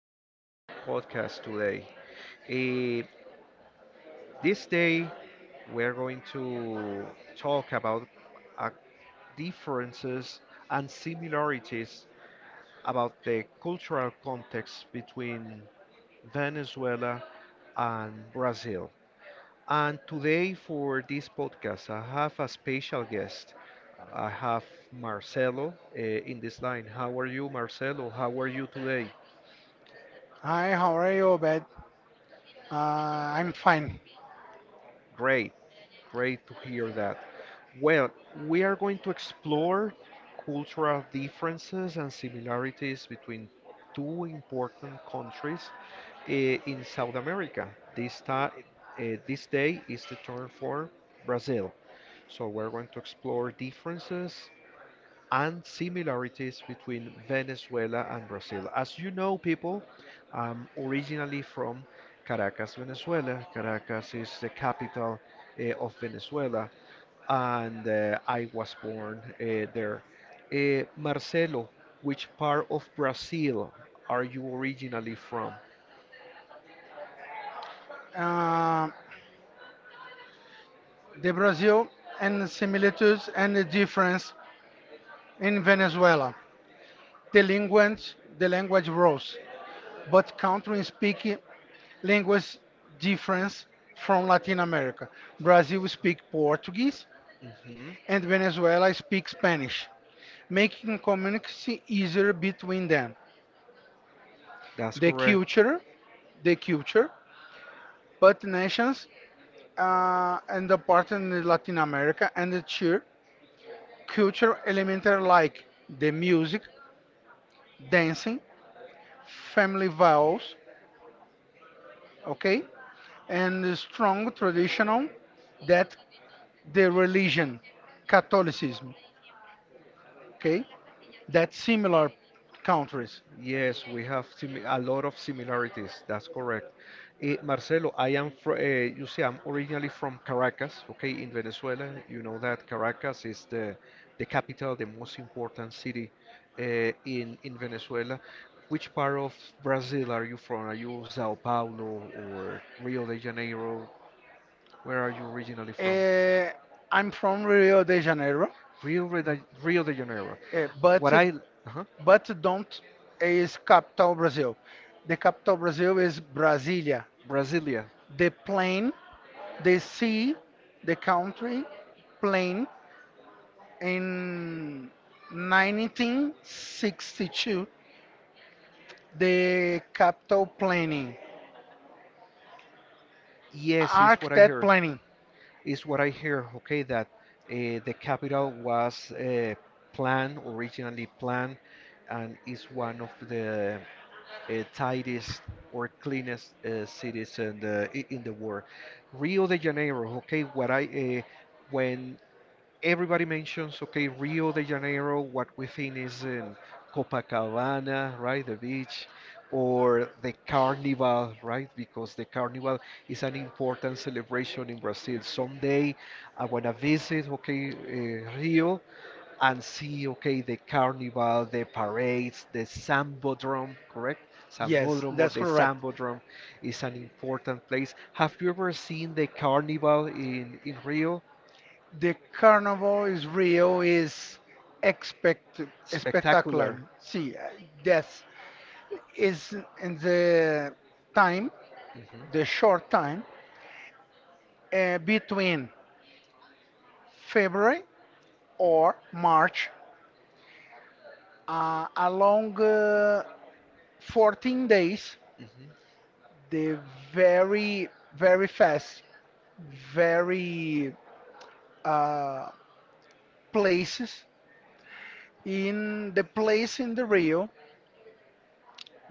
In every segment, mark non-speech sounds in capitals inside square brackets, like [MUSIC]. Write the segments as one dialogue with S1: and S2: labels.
S1: to my podcast today. Eh, this day we're going to talk about uh, differences and similarities about the cultural context between Venezuela and Brazil. And today for this podcast, I have a special guest. I have Marcelo in this line. How are you, Marcelo? How are you today?
S2: Hi, how are you, Obed? I'm
S1: I'm fine.
S2: fine.
S1: Great, great to hear that. Well, we are going to explore cultural differences and similarities between two important countries in South America. This time, this day is the turn for Brazil. So we're going to explore differences and similarities between Venezuela and Brazil. As you know, people, I'm originally from Caracas, Venezuela. Caracas is the capital of Venezuela, and I was born there. Marcelo, which part of Brazil are you originally from? Uh,
S2: Uh, the Brazil and the similitudes and the difference in Venezuela. The language rose, but countries speak language
S1: Difference
S2: difference
S1: from
S2: from Latin America.
S1: Brazil
S2: Brazil speak
S1: speakers.
S2: Portuguese
S1: Mhm. And
S2: and
S1: they
S2: Venezuela speak
S1: speak Spanish.
S2: Spanish,
S1: Makes
S2: making
S1: it
S2: communication easier
S1: easier.
S2: between them.
S1: That's the
S2: The
S1: correct culture,
S2: culture, the
S1: the
S2: culture,
S1: but
S2: but nations and the part
S1: and
S2: in Latin
S1: the
S2: America and the
S1: culture,
S2: cheer culture
S1: element
S2: elements
S1: of
S2: like the
S1: the music,
S2: music,
S1: dance,
S2: dancing, family vows,
S1: okay,
S2: okay, and
S1: and
S2: the
S1: it's
S2: strong
S1: traditional
S2: traditional
S1: that,
S2: that the religion, Catholicism,
S1: okay,
S2: okay,
S1: that
S2: that similar
S1: count.
S2: countries.
S1: Yes, we have a lot of similarities. That's correct. Marcelo, I am you see, I'm originally from Caracas, okay, in Venezuela. You know that Caracas is the capital, the most important city in Venezuela. Which part of Brazil are you from? Are you Sao Paulo or Rio de Janeiro? Where are you originally from?
S2: Uh, I'm from Rio de Janeiro,
S1: Rio de Janeiro.
S2: but
S1: What I, uh-huh.
S2: don't is capital Brazil. The capital Brazil is Brasilia.
S1: Brasilia. The
S2: The
S1: plane,
S2: plain, they
S1: this
S2: see the
S1: the
S2: country
S1: plane,
S2: plane
S1: eh,
S2: in 1962,
S1: the
S2: the capital
S1: planning.
S2: planning,
S1: Yes, is art what I and
S2: architect
S1: heard planning.
S2: planning.
S1: Is what I hear. Okay, that the capital was planned originally planned, and is one of the tidiest or cleanest cities in in the world. Rio de Janeiro. Okay, what I when everybody mentions, okay, Rio de Janeiro, what we think is in Copacabana, right, the beach, or the carnival, right, because the carnival is an important celebration in Brazil. Someday I want to visit, okay, Rio and see, okay, the carnival, the parades, the Sambodrome, correct?
S2: Yes,
S1: Sambodrome or
S2: that's
S1: the
S2: correct.
S1: Sambodrome is an important place. Have you ever seen the carnival in Rio?
S2: The carnival is real, is expect spectacular.
S1: Spectacular.
S2: See, that's is in the
S1: Mhm,
S2: time, the short time between February or March, along 14 days. The
S1: mhm.
S2: very very fast, very uh, places in the place in the Rio.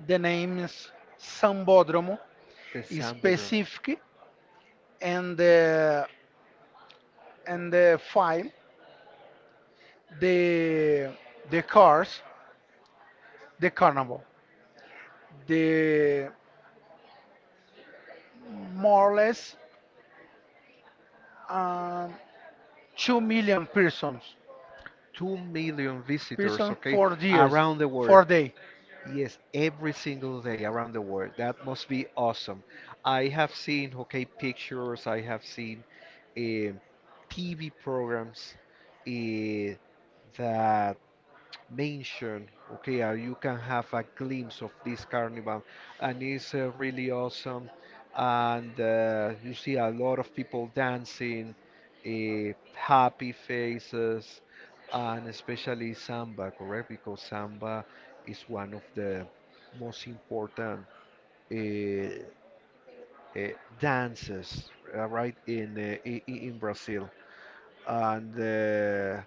S2: The name is Sambódromo
S1: The Samba Drum.
S2: specific and the file the cars the carnival the more or less um, 2 million persons
S1: 2 million visitors,
S2: person
S1: okay,
S2: for years
S1: around the
S2: for
S1: world.
S2: day
S1: Yes, every single day around the world. That must be awesome. I have seen, okay, pictures, I have seen eh, TV programs eh, that mentioned, okay, you can have a glimpse of this carnival, and it's really awesome. And you see a lot of people dancing, happy faces, and especially samba, correct? Because samba is one of the most important uh, uh, dances, right, in, in Brazil and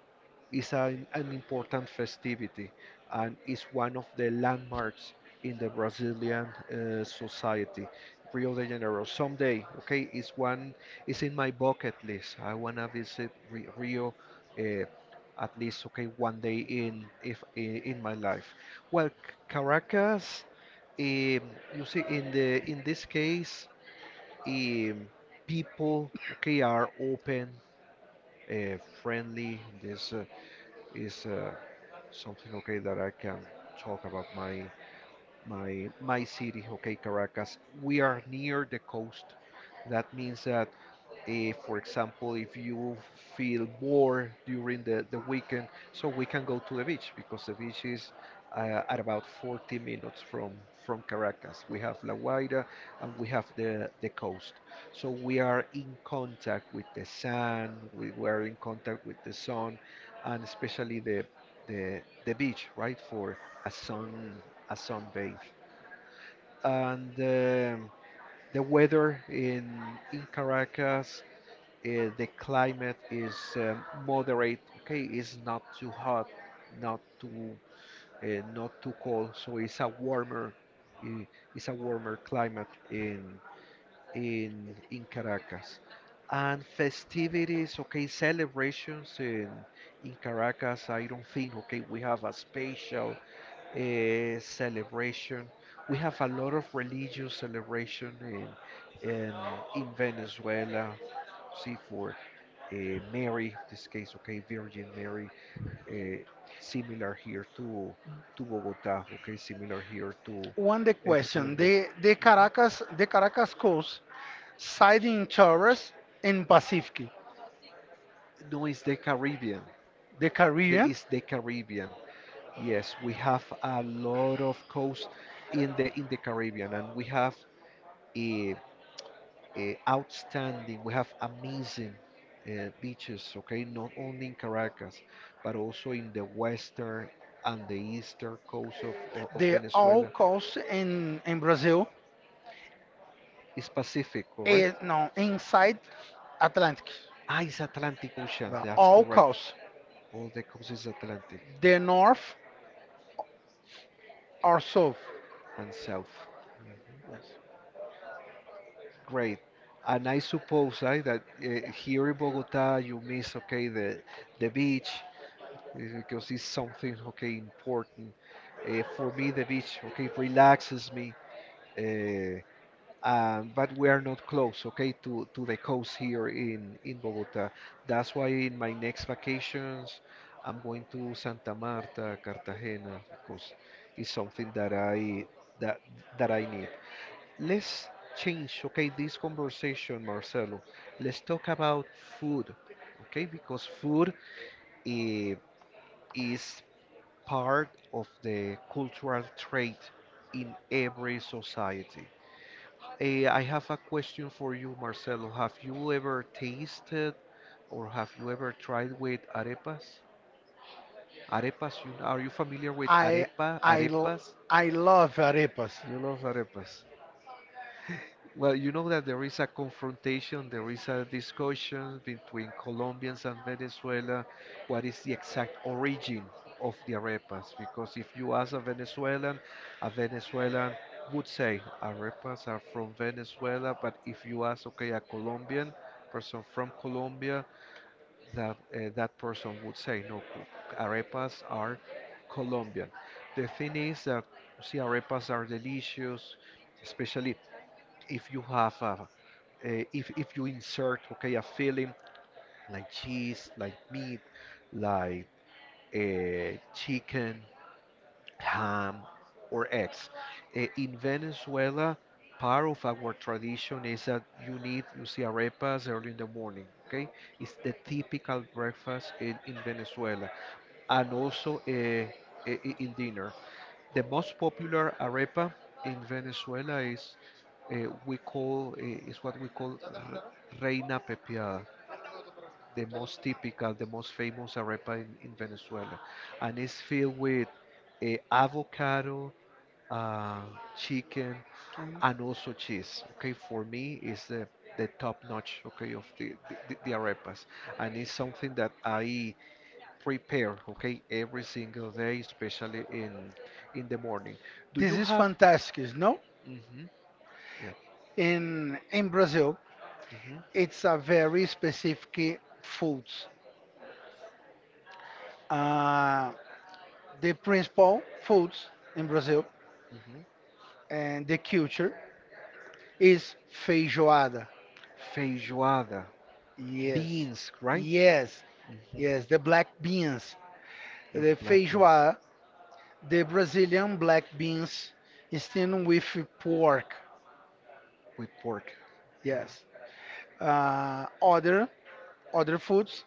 S1: is an important festivity and is one of the landmarks in the Brazilian society. Rio de Janeiro someday, okay, it's in my bucket list. I wanna visit Rio uh, at least, okay, one day in if in, in my life. Well, Caracas, you see, in the in this case, um, people, okay, are open friendly. This is something okay that I can talk about my city, okay, Caracas. We are near the coast. That means that if, for example, if you feel bored during the weekend, so we can go to the beach because the beach is at about 40 minutes from Caracas. We have La Guaira and we have the coast, so we are in contact with the sand, we were in contact with the sun, and especially the beach, right, for a sun, a sunbathe. And the weather in Caracas, the climate is moderate, okay, it's not too hot, not too not too cold, so uh, it's a warmer climate in Caracas. And festivities, okay, celebrations in Caracas, I don't think, okay, we have a special celebration. We have a lot of religious celebration in in Venezuela. See, for Mary, this case, okay, Virgin Mary, uh, similar here to Bogotá, okay, similar here to
S2: one the
S1: uh, to
S2: question
S1: Colombia.
S2: the Caracas the Caracas coast side in Torres in
S1: In Pacific.
S2: Pacific,
S1: No, it's the Caribbean.
S2: the
S1: The,
S2: Caribbean.
S1: it's the Caribbean. Yes, we have a lot of coast in the Caribbean, and we have a. uh, outstanding. We have amazing beaches, okay, not only in Caracas, but also in the western and the eastern coast of
S2: The all
S1: Venezuela.
S2: coast in Brazil
S1: It's Pacific, correct?
S2: and no inside Atlantic,
S1: Ah, it's Atlantic Ocean,
S2: the
S1: that's
S2: all
S1: correct.
S2: coast,
S1: All the coast is Atlantic
S2: the north or south.
S1: and South. Mm.
S2: Yes.
S1: Great. And I suppose I that here in Bogota you miss, okay, the beach, because it's something, okay, important for me the beach, okay, relaxes me, uh, but we are not close, okay, to the coast here in Bogota. That's why in my next vacations I'm going to Santa Marta Cartagena, because it's something that I that that I need. Let's change, okay, this conversation, Marcelo. Let's talk about food, okay, because food eh, is part of the cultural trait in every society. I have a question for you, Marcelo. Have you ever tasted or have you ever tried with arepas? Arepas, you, are you familiar with
S2: I I l-
S1: arepas?
S2: I love arepas.
S1: You love arepas. Well, you know that there is a confrontation, there is a discussion between Colombians and Venezuela. What is the exact origin of the arepas? Because if you ask a Venezuelan would say arepas are from Venezuela. But if you ask, okay, a Colombian person from Colombia, that that person would say no, arepas are Colombian. The thing is that see, arepas are delicious, especially if you have a, eh, if you insert, okay, a filling like cheese, like meat, like chicken, ham, or eggs. In Venezuela, part of our tradition is that you see arepas early in the morning. Okay, it's the typical breakfast in Venezuela, and also in dinner. The most popular arepa in Venezuela is we call is what we call re- reina pepiada, the most typical, the most famous arepa in Venezuela, and it's filled with avocado, uh, chicken,
S2: And
S1: and also cheese. Okay, for me, is the top notch, okay, of the arepas, and it's something that I prepare, okay, every single day, especially in the morning. Do
S2: this
S1: you
S2: is
S1: have
S2: fantastic, no?
S1: hmm? Yeah. In
S2: In
S1: Brazil,
S2: Brazil,
S1: hmm,
S2: it's a very specific
S1: foods,
S2: foods. Uh, the
S1: the
S2: principal foods
S1: foods
S2: in Brazil
S1: in, hmm,
S2: and the
S1: culture
S2: culture
S1: is
S2: is
S1: fish.
S2: feijoada.
S1: Feijoada.
S2: Yes,
S1: Beans, right? Yes,
S2: yes,
S1: hmm,
S2: yes. The
S1: yes.
S2: black beans,
S1: With
S2: the
S1: the black beans,
S2: feijoada,
S1: feijoada,
S2: the
S1: the black
S2: Brazilian black
S1: beans,
S2: beans steamed
S1: steamed with,
S2: with pork.
S1: With pork, yes.
S2: Yes.
S1: Mhm.
S2: Uh, other other
S1: The foods,
S2: foods,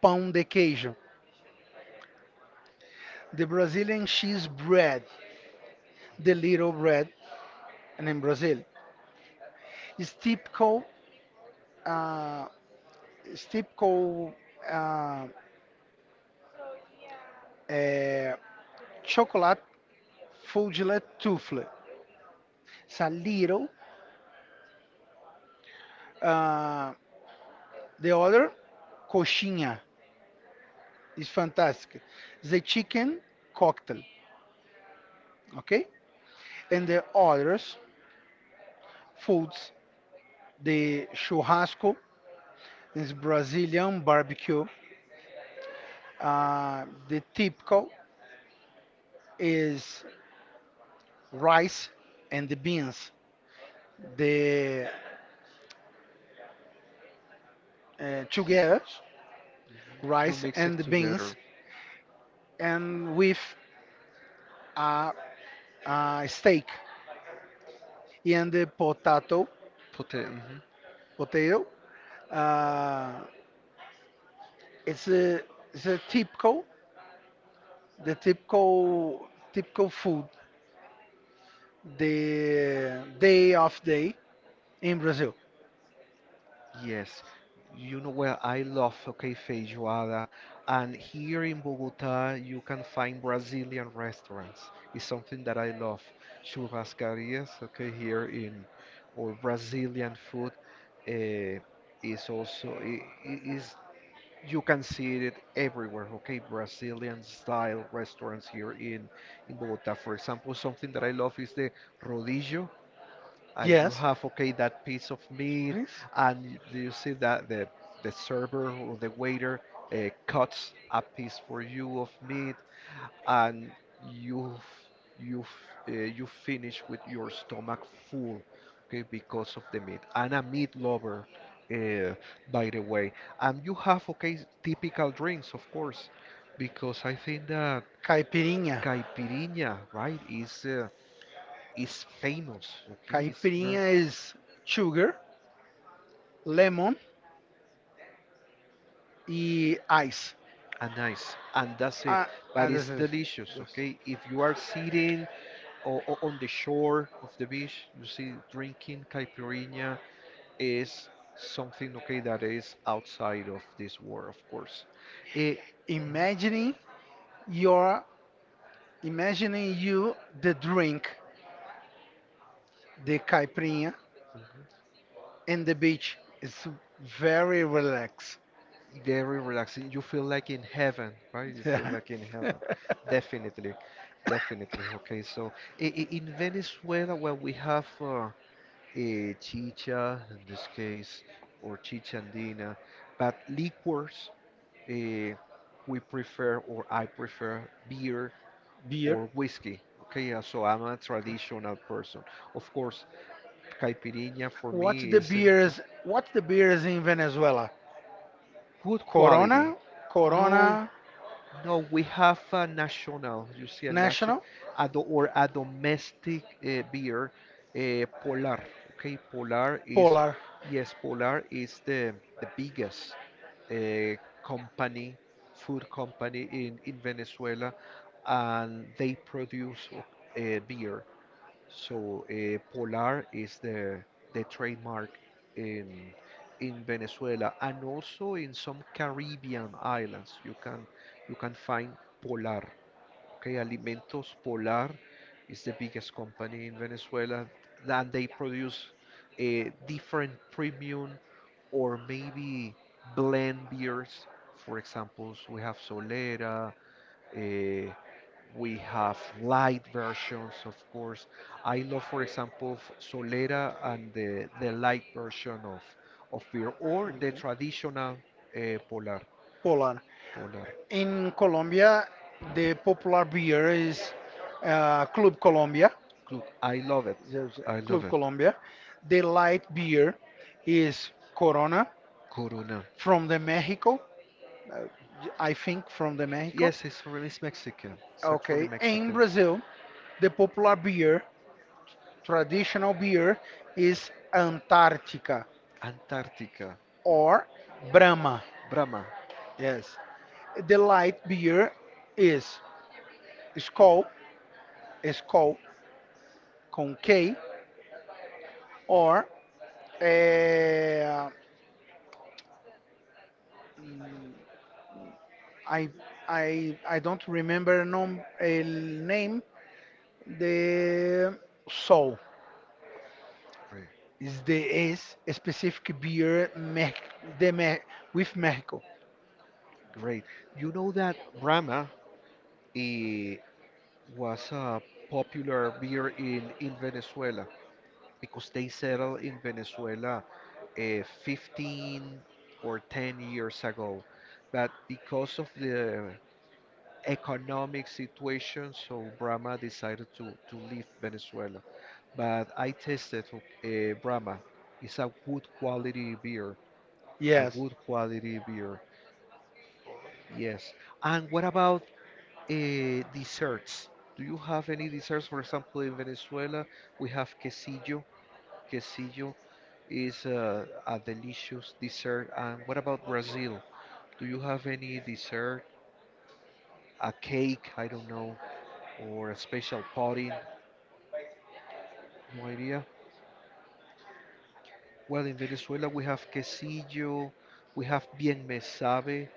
S2: pão de
S1: parmesan.
S2: queijo. The
S1: The Brazil
S2: Brazilian cheese
S1: cheese, bread,
S2: bread, the
S1: the
S2: little
S1: little bread,
S2: bread, and in
S1: and the
S2: Brazil, it's typical, uh, it's typical, uh,
S1: steamed,
S2: uh,
S1: uh,
S2: chocolate fudge tufle.
S1: chocolate.
S2: It's a little. Uh,
S1: The
S2: the other,
S1: coxinha,
S2: coxinha, is fantastic. The chicken cocktail. Okay.
S1: and
S2: And the
S1: the
S2: others
S1: coats,
S2: foods, the
S1: the
S2: churrasco, is brazilian barbecue, the typical
S1: is
S2: is rice and the beans,
S1: the.
S2: the together
S1: You
S2: rice
S1: mix
S2: and
S1: it
S2: the beans
S1: together
S2: and
S1: with
S2: with
S1: uh,
S2: a, a
S1: steak,
S2: steak and
S1: and the.
S2: the
S1: Put it. Mhm. Potato.
S2: potato.
S1: Uh,
S2: uh,
S1: it's
S2: it's
S1: the,
S2: a it's a
S1: tip,
S2: typical,
S1: the
S2: the
S1: typical,
S2: typical typical food the
S1: uh,
S2: day of day in Brazil.
S1: yes, you know where I love, okay, feijoada. And here in Bogota, you can find Brazilian restaurants. It's something that I love. Churrascarias, okay, here in, or Brazilian food, uh, is also, is, you can see it everywhere, okay, Brazilian style restaurants here in Bogota. For example, something that I love is the rodillo, and, yeah, you, yes,
S2: Yes.
S1: have, okay, that piece of meat,
S2: Drinks.
S1: and you see that the server or the waiter cuts a piece for you of meat, and you f- you finish with your stomach full, okay, because of the meat, and a meat lover, uh, by the way. And you have, okay, typical drinks, of course, because I think that Caipirinha.
S2: Caipirinha.
S1: Caipirinha, right, is famous. Okay, it's
S2: Caipirinha
S1: very
S2: is sugar, lemon, and ice.
S1: and nice, and that's it.
S2: Ah,
S1: But
S2: this
S1: it's
S2: is
S1: delicious.
S2: just
S1: Okay, if you are sitting on the shore of the beach, you see drinking caipirinha is something, okay, that is outside of this world, of course. Eh, mhm.
S2: imagining your imagining you the drink, the caipirinha, and the beach. It's very relaxed.
S1: Very relaxing. You feel like in heaven, right? You feel like in heaven.
S2: [LAUGHS]
S1: Definitely, definitely. Okay, so in Venezuela, well, we have a chicha in this case, or chicha andina, but liquors, uh, we prefer, or I prefer, beer
S2: Beer.
S1: or whiskey. Okay, so I'm a
S2: Okay.
S1: traditional person. Of course, caipirinha for
S2: What
S1: me
S2: the
S1: is in the
S2: beers? What the beers in Venezuela?
S1: good
S2: Corona,
S1: quality. No.
S2: Corona.
S1: No, we have a national, you see, a national,
S2: National,
S1: a do, or a domestic beer, Polar. Okay, Polar is,
S2: Polar.
S1: yes, Polar is the biggest uh, company, food company in Venezuela, and they produce beer. So Polar is the trademark in in Venezuela, and also in some Caribbean islands. You can find Polar. Okay, Alimentos Polar is the biggest company in Venezuela, and they produce different premium or maybe blend beers. For example, we have Solera, uh, we have light versions, of course. I love, for example, Solera and the light version of beer, or the
S2: Okay.
S1: traditional Polar.
S2: Poland.
S1: Polar.
S2: In Colombia, the popular beer is Club Colombia.
S1: Look, I love it.
S2: There's,
S1: I love
S2: Club
S1: it.
S2: Colombia. The light beer is Corona
S1: Corona.
S2: from the Mexico. uh, I think from the Mexico.
S1: Yes, it's from, it's Mexican. It's actually
S2: Okay. In
S1: Mexican.
S2: Brazil, the popular beer, traditional
S1: Traditional beer
S2: beer,
S1: is
S2: is
S1: Antarctica,
S2: Antarctica
S1: Antarctica.
S2: or
S1: Brahma.
S2: Brahma.
S1: Brahma.
S2: Yes. The
S1: The light
S2: light
S1: beer
S2: beer
S1: is
S2: is Skol,
S1: called
S2: Skol con
S1: K,
S2: K,
S1: or
S2: or
S1: uh,
S2: Uh, mm,
S1: I,
S2: I
S1: I,
S2: I
S1: I don't
S2: don't
S1: remember
S2: remember
S1: no,
S2: nom
S1: a
S2: el
S1: name,
S2: name. The
S1: the,
S2: Sol
S1: Great. The
S2: is a specific
S1: beer
S2: beer Mex
S1: method. The
S2: de Me
S1: me-
S2: with Mexico.
S1: Great. You know that Brahma eh, was a popular beer in Venezuela because they settled in Venezuela uh, 15 or 10 years ago. But because of the economic situation, so Brahma decided to leave Venezuela. But I tasted Brahma. It's a good quality beer. A
S2: Yes.
S1: good quality beer. Yes. And what about desserts. Do you have any desserts? For example, in Venezuela, we have quesillo. Quesillo is a delicious dessert. And what about Brazil? Do you have any dessert? A cake, I don't know, or a special pudding? No idea. Well, in Venezuela, we have quesillo. We have bien me sabe.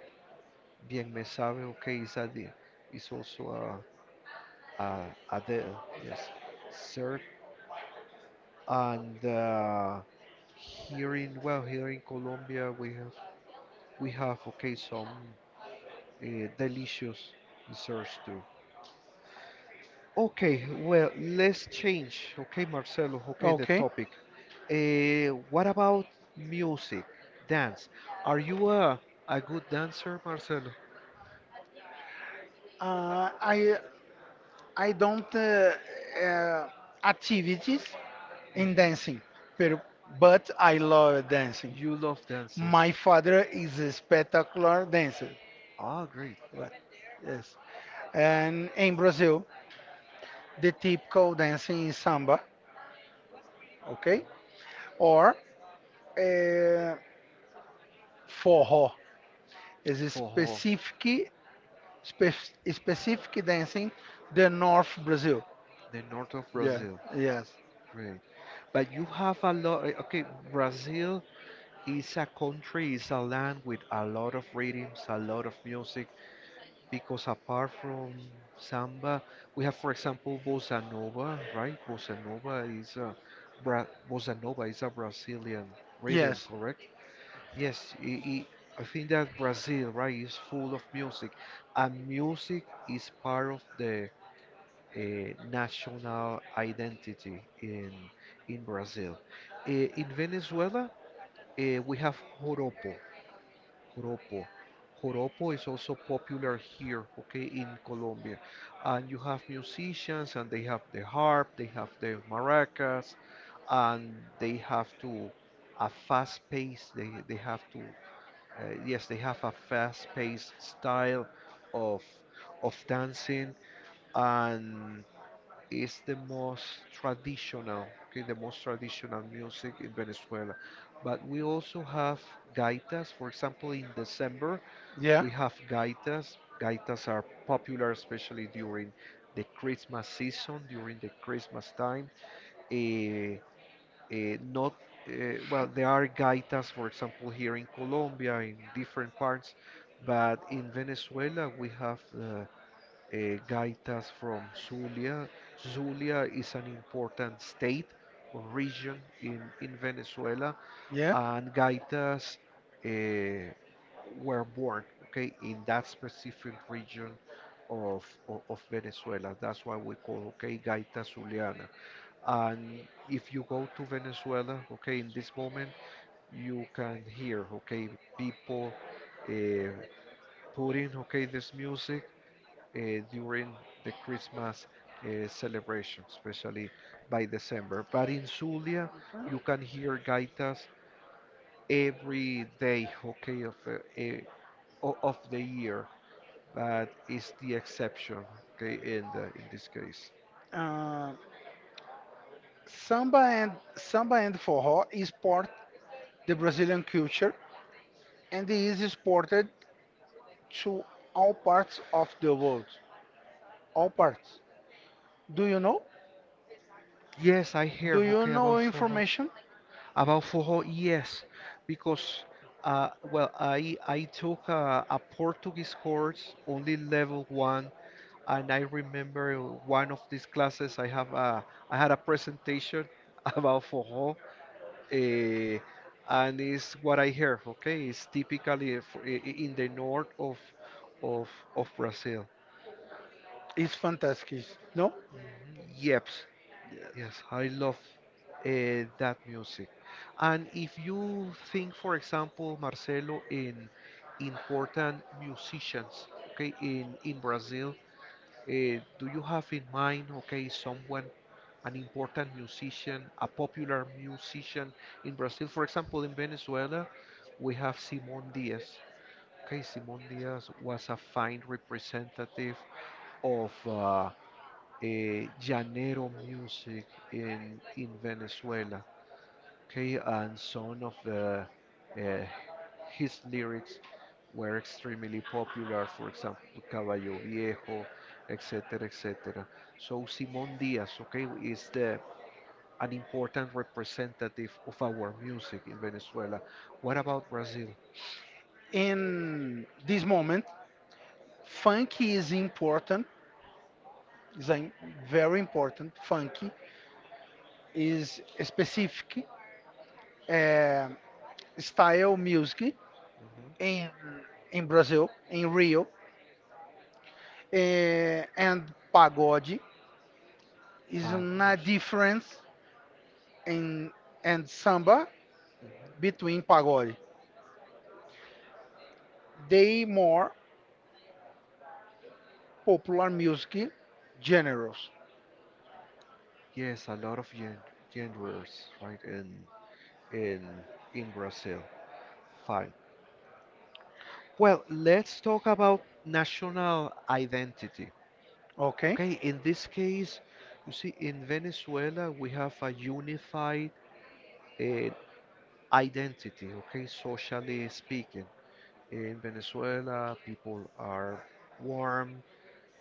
S1: Bien me sabe, okay, is that is also a, a, a de, yes, dessert. And Here in well, here in Colombia, we have okay some uh, delicious desserts too. Okay, well, let's change. Okay, Marcelo. Okay, the Okay.
S2: Okay.
S1: topic. What about music, dance? Are you a good dancer, Marcelo?
S2: Uh, I
S1: I
S2: I
S1: dance
S2: don't uh, activities in
S1: mhm.
S2: dancing, pero, but I love dancing.
S1: You love dancing.
S2: My father is a spectacular dancer.
S1: Ah, great.
S2: Right. Yes. And in Brazil, the typical dancing in samba,
S1: Okay?
S2: okay? Or uh, forró
S1: This
S2: is
S1: is
S2: a
S1: for specifically,
S2: specific specific
S1: specifically they think
S2: dancing the
S1: they're not
S2: North
S1: Brazil.
S2: Brazil.
S1: The north of
S2: Yeah.
S1: Brazil. Yes.
S2: Yes.
S1: Great. But you have a lot, okay, Brazil is a country, is a land with a lot of rhythms, a lot of music, because apart from samba, we have, for example, bossa nova, right? Bossa nova is a Bra Bossa nova is a Brazilian Yes. rhythm, Yes.
S2: Yes.
S1: correct? Yes, i I think that Brazil, right, is full of music, and music is part of the national identity in Brazil. In Venezuela, we have joropo, joropo. Joropo is also popular here, okay, in Colombia. And you have musicians, and they have the harp, they have the maracas, and they have to a fast pace. They have to yes, they have a fast-paced style of dancing, and it's the most traditional, okay, the most traditional music in Venezuela. But we also have gaitas. For example, in December,
S2: Yeah.
S1: we have gaitas. Gaitas are popular, especially during the Christmas season, during the Christmas time. Eh, not well, there are gaitas, for example, here in Colombia, in different parts, but in Venezuela we have gaitas from Zulia. Zulia is an important state or region in Venezuela,
S2: Yeah.
S1: and gaitas uh, were born, okay, in that specific region of, of Venezuela. That's why we call, okay, gaita Zuliana. And if you go to Venezuela, okay, in this moment, you can hear, okay, people uh, putting, okay, this music during the Christmas celebration, especially by December. But in Zulia, you can hear gaitas every day, okay, of the year, but it's the exception, okay, in this case.
S2: Uh, samba and forró is part the Brazilian culture and is exported to all parts of the world. All parts. Do you know?
S1: Yes, I hear.
S2: Do you
S1: Okay, about
S2: know
S1: Fuho.
S2: information?
S1: About Fuho, yes, because well, I took a, Portuguese course, only level one, and I remember one of these classes I had a presentation [LAUGHS] about Fuho, uh, and it's what I hear. Okay, it's typically in the north of Brazil.
S2: It's
S1: It's fantastic.
S2: fantastic,
S1: Yeah.
S2: no?
S1: Mhm. Yep.
S2: Yes.
S1: Yes, I love that music. And if you think, for example, Marcelo, in important musicians, okay, in Brazil, do you have in mind, okay, someone, an important musician, a popular musician in Brazil? For example, in Venezuela, we have Simon Diaz. Okay, Simon Diaz was a fine representative of llanero music in Venezuela. Okay, and some of the uh, his lyrics were extremely popular. For example, Caballo Viejo, etc., etc. So Simón Díaz, okay, is the an important representative of our music in Venezuela. What about Brazil? In
S2: In
S1: this
S2: this
S1: moment,
S2: moment,
S1: funk
S2: funky
S1: is
S2: is
S1: in
S2: important, is a very important.
S1: Funk
S2: Funky is a specific uh,
S1: is
S2: style
S1: music
S2: music
S1: Mhm.
S2: in
S1: In
S2: in
S1: Brazil,
S2: Brazil, in
S1: in Rio,
S2: Rio,
S1: eh, and
S2: and
S1: pagode.
S2: pagode
S1: It's
S2: is
S1: a
S2: na
S1: difference
S2: difference
S1: in,
S2: in
S1: and
S2: and
S1: samba
S2: samba
S1: Mhm. between
S2: between
S1: pagode.
S2: pagode.
S1: The
S2: They more
S1: popular
S2: popular music
S1: music.
S2: genres.
S1: Yes, a lot of genres, right, in in Brazil. Fine. Well, let's talk about national identity. Okay.
S2: Okay.
S1: Okay, in this case, you see, in Venezuela, we have a unified uh, identity, okay, socially speaking. In Venezuela, people are warm,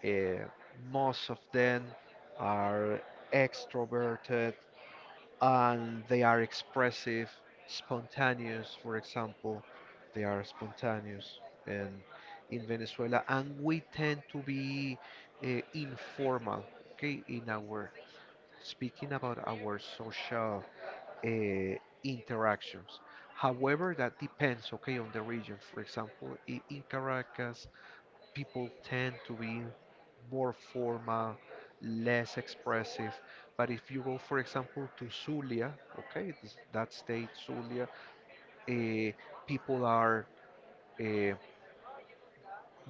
S1: uh, most of them are extroverted and they are expressive, spontaneous, for example. They are spontaneous in, in Venezuela, and we tend to be informal, okay, in our speaking about our social uh, interactions. However, that depends, okay, on the region. For example, in Caracas, people tend to be more formal, less expressive. But if you go, for example, to Zulia, okay, that state, Zulia, uh, people are uh,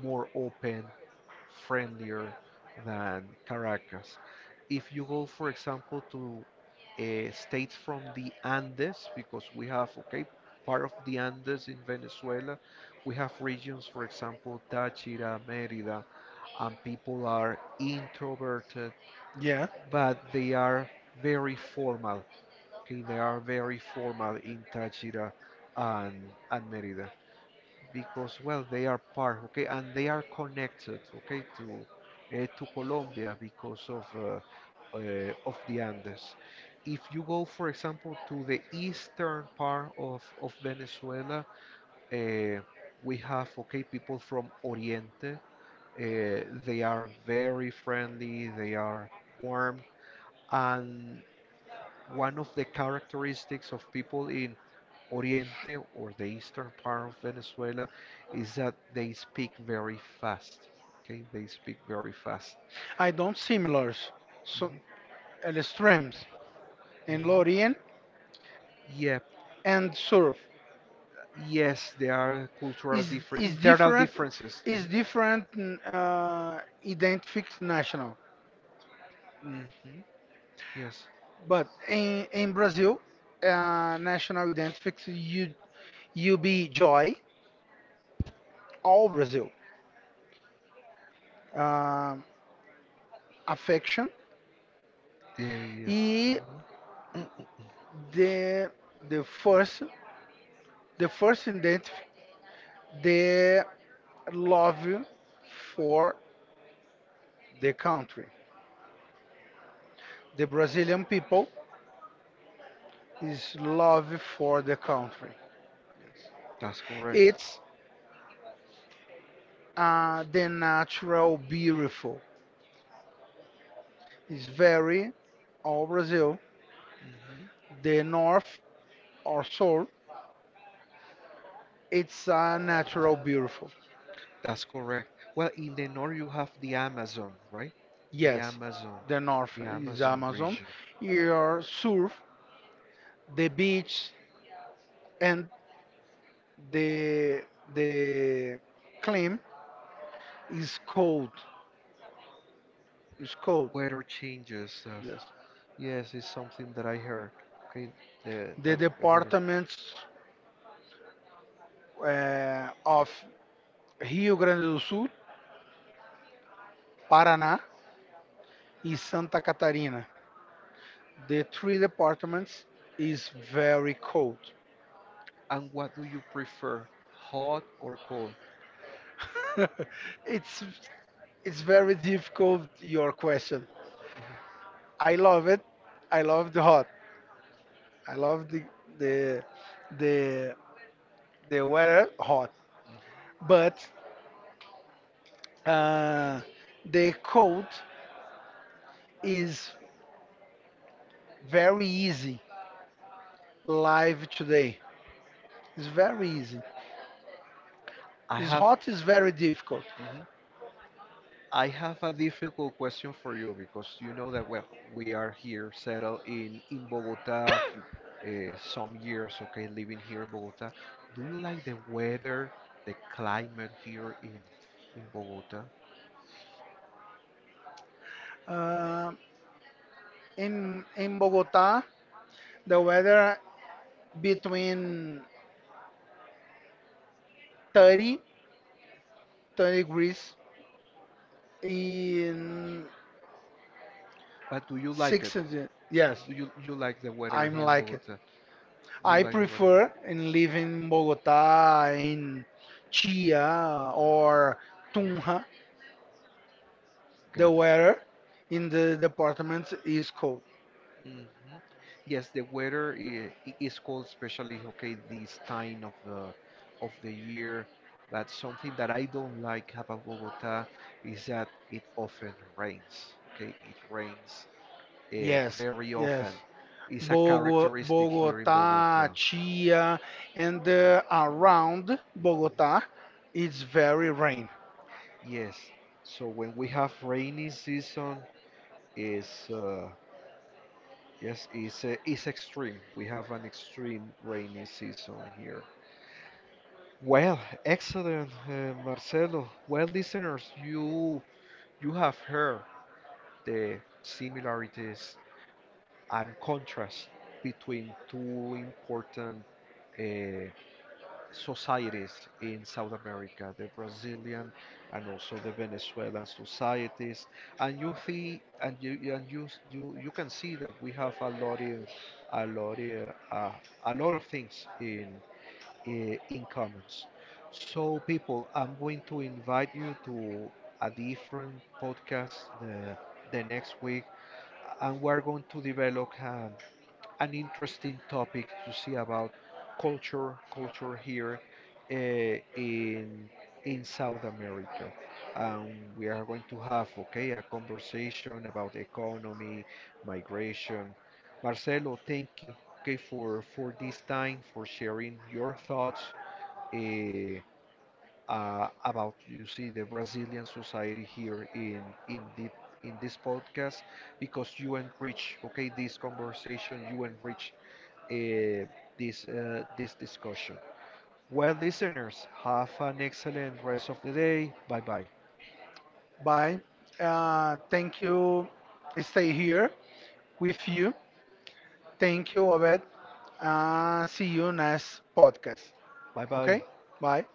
S1: more open, friendlier than Caracas. If you go, for example, to states from the Andes, because we have, okay, part of the Andes in Venezuela, we have regions, for example, Táchira, Mérida, and people are introverted,
S2: Yeah,
S1: but they are very formal. Okay, they are very formal in Táchira and Mérida because well they are part okay and they are connected okay to Colombia because of the Andes. If you go, for example, to the eastern part of Venezuela, uh, we have okay people from Oriente. They are very friendly. They are warm, and one of the characteristics of people in Oriente or the eastern part of Venezuela is that they speak very fast. Okay, they speak very fast. I
S2: I don't
S1: don't similar.
S2: similars.
S1: So,
S2: So
S1: mhm, and strength
S2: extremes
S1: in
S2: in
S1: mhm.
S2: Lorien
S1: Lorient. Yeah, and
S2: and
S1: Sur.
S2: surf
S1: Yes, there are cultural
S2: is
S1: different
S2: is
S1: internal
S2: different
S1: differences.
S2: is different identifies national.
S1: Hmm. Yes,
S2: But
S1: In
S2: in
S1: Brazil,
S2: Brazil, national
S1: we don't
S2: identifies
S1: speak.
S2: you, you be joy all Brazil, um, affection
S1: Yeah, yeah.
S2: e
S1: Mhm. [CLEARS THROAT] the,
S2: the the first the
S1: the
S2: first
S1: first thing
S2: identify
S1: that they
S2: the love
S1: argue for
S2: for the
S1: the,
S2: country, the
S1: the
S2: Brazilian
S1: Brazilian people is
S2: people his
S1: argue
S2: love for
S1: for.
S2: the country.
S1: That's correct.
S2: It's the natural beautiful. It's
S1: It's
S2: very all
S1: Brazil,
S2: Brazil,
S1: hmm, the
S2: the
S1: north
S2: north or south.
S1: or
S2: It's
S1: south
S2: a
S1: and
S2: natural
S1: Central Europe.
S2: beautiful.
S1: That's correct. Well, in the north you have the Amazon, right? Yes, the
S2: Yes,
S1: Amazon, the
S2: the
S1: north,
S2: north
S1: the
S2: is
S1: Amazon Amazon.
S2: Amazon.
S1: Region. Here
S2: Your
S1: south,
S2: surf, the
S1: the
S2: beach, and the
S1: the
S2: the
S1: claim
S2: climate is cold.
S1: is
S2: It's
S1: cold.
S2: cold.
S1: Weather changes, that's
S2: Yes.
S1: Yes, it's something that I heard. Okay,
S2: The
S1: the that the water. Department
S2: departments of Rio Grande do
S1: issue
S2: Sul, Paraná, in
S1: is
S2: Santa
S1: Santa Catarina.
S2: Catarina.
S1: The
S2: The
S1: three
S2: three
S1: departments
S2: departments is
S1: is very
S2: very
S1: cold.
S2: cold.
S1: And what do you prefer, hot or cold?
S2: [LAUGHS]
S1: It's
S2: It's
S1: it's
S2: it's
S1: very
S2: very
S1: difficult
S2: difficult
S1: your
S2: your
S1: question.
S2: question.
S1: Mhm,
S2: I love it. I
S1: I
S2: love the hot. I love
S1: the
S2: the
S1: the
S2: the the weather hot.
S1: mhm.
S2: But
S1: uh,
S2: uh,
S1: the
S2: the
S1: code
S2: cold is
S1: is
S2: very
S1: very easy.
S2: easy live today. It's very easy.
S1: I
S2: It's
S1: have.
S2: hot is very difficult.
S1: Hot I have a difficult question for you because you know that well we are here settled in Bogota uh, some years okay living here in Bogota. Do you like the weather, the climate here in Bogota?
S2: Uh, in in Bogota, the weather between 30, 20 degrees in
S1: But do you like it?
S2: six of the yes,
S1: Do you like the weather
S2: I'm
S1: here in
S2: like it.
S1: Bogota? You
S2: I
S1: like the weather?
S2: prefer in living in bogota in chia or
S1: No.
S2: tunja. The
S1: Got it.
S2: weather in the department is cold.
S1: Hmm. Yes, the weather is cold, especially okay this time of the year. But something that I don't like about Bogota is that it often rains. Okay, it rains
S2: Yes,
S1: very
S2: yes.
S1: often. It's a characteristic here in
S2: Bogota
S1: Bogota. Mhm.
S2: chia and around bogota it's very rain.
S1: Yes. So when we have rainy season, is yes, it's extreme. We have an extreme rainy season here. Well, excellent, Marcelo. Well, listeners, you have heard the similarities and contrast between two important uh, societies in South America, the Brazilian and also the Venezuelan societies, and you see, and you- and you s- you can see that we have a lot in, uh, a lot of things in in commons. So people, I'm going to invite you to a different podcast the the next week, and we're going to develop an interesting topic to see about culture, culture here uh, in in South America. Um, we are going to have, okay, a conversation about economy, migration. Marcelo, thank you, okay, for this time, for sharing your thoughts uh, about you see the Brazilian society here in the in this podcast because you enrich okay this conversation you enrich uh, this discussion. Well, listeners, have an excellent rest of the day. Bye bye. Bye.
S2: Bye.
S1: Uh, thank
S2: Thank
S1: you.
S2: you. I stay
S1: Stay here
S2: here
S1: with
S2: with you.
S1: you.
S2: Thank
S1: Thank you,
S2: you, Obed.
S1: Robert.
S2: See
S1: See you
S2: you
S1: next.
S2: next podcast.
S1: Bye
S2: Okay?
S1: bye.
S2: Bye.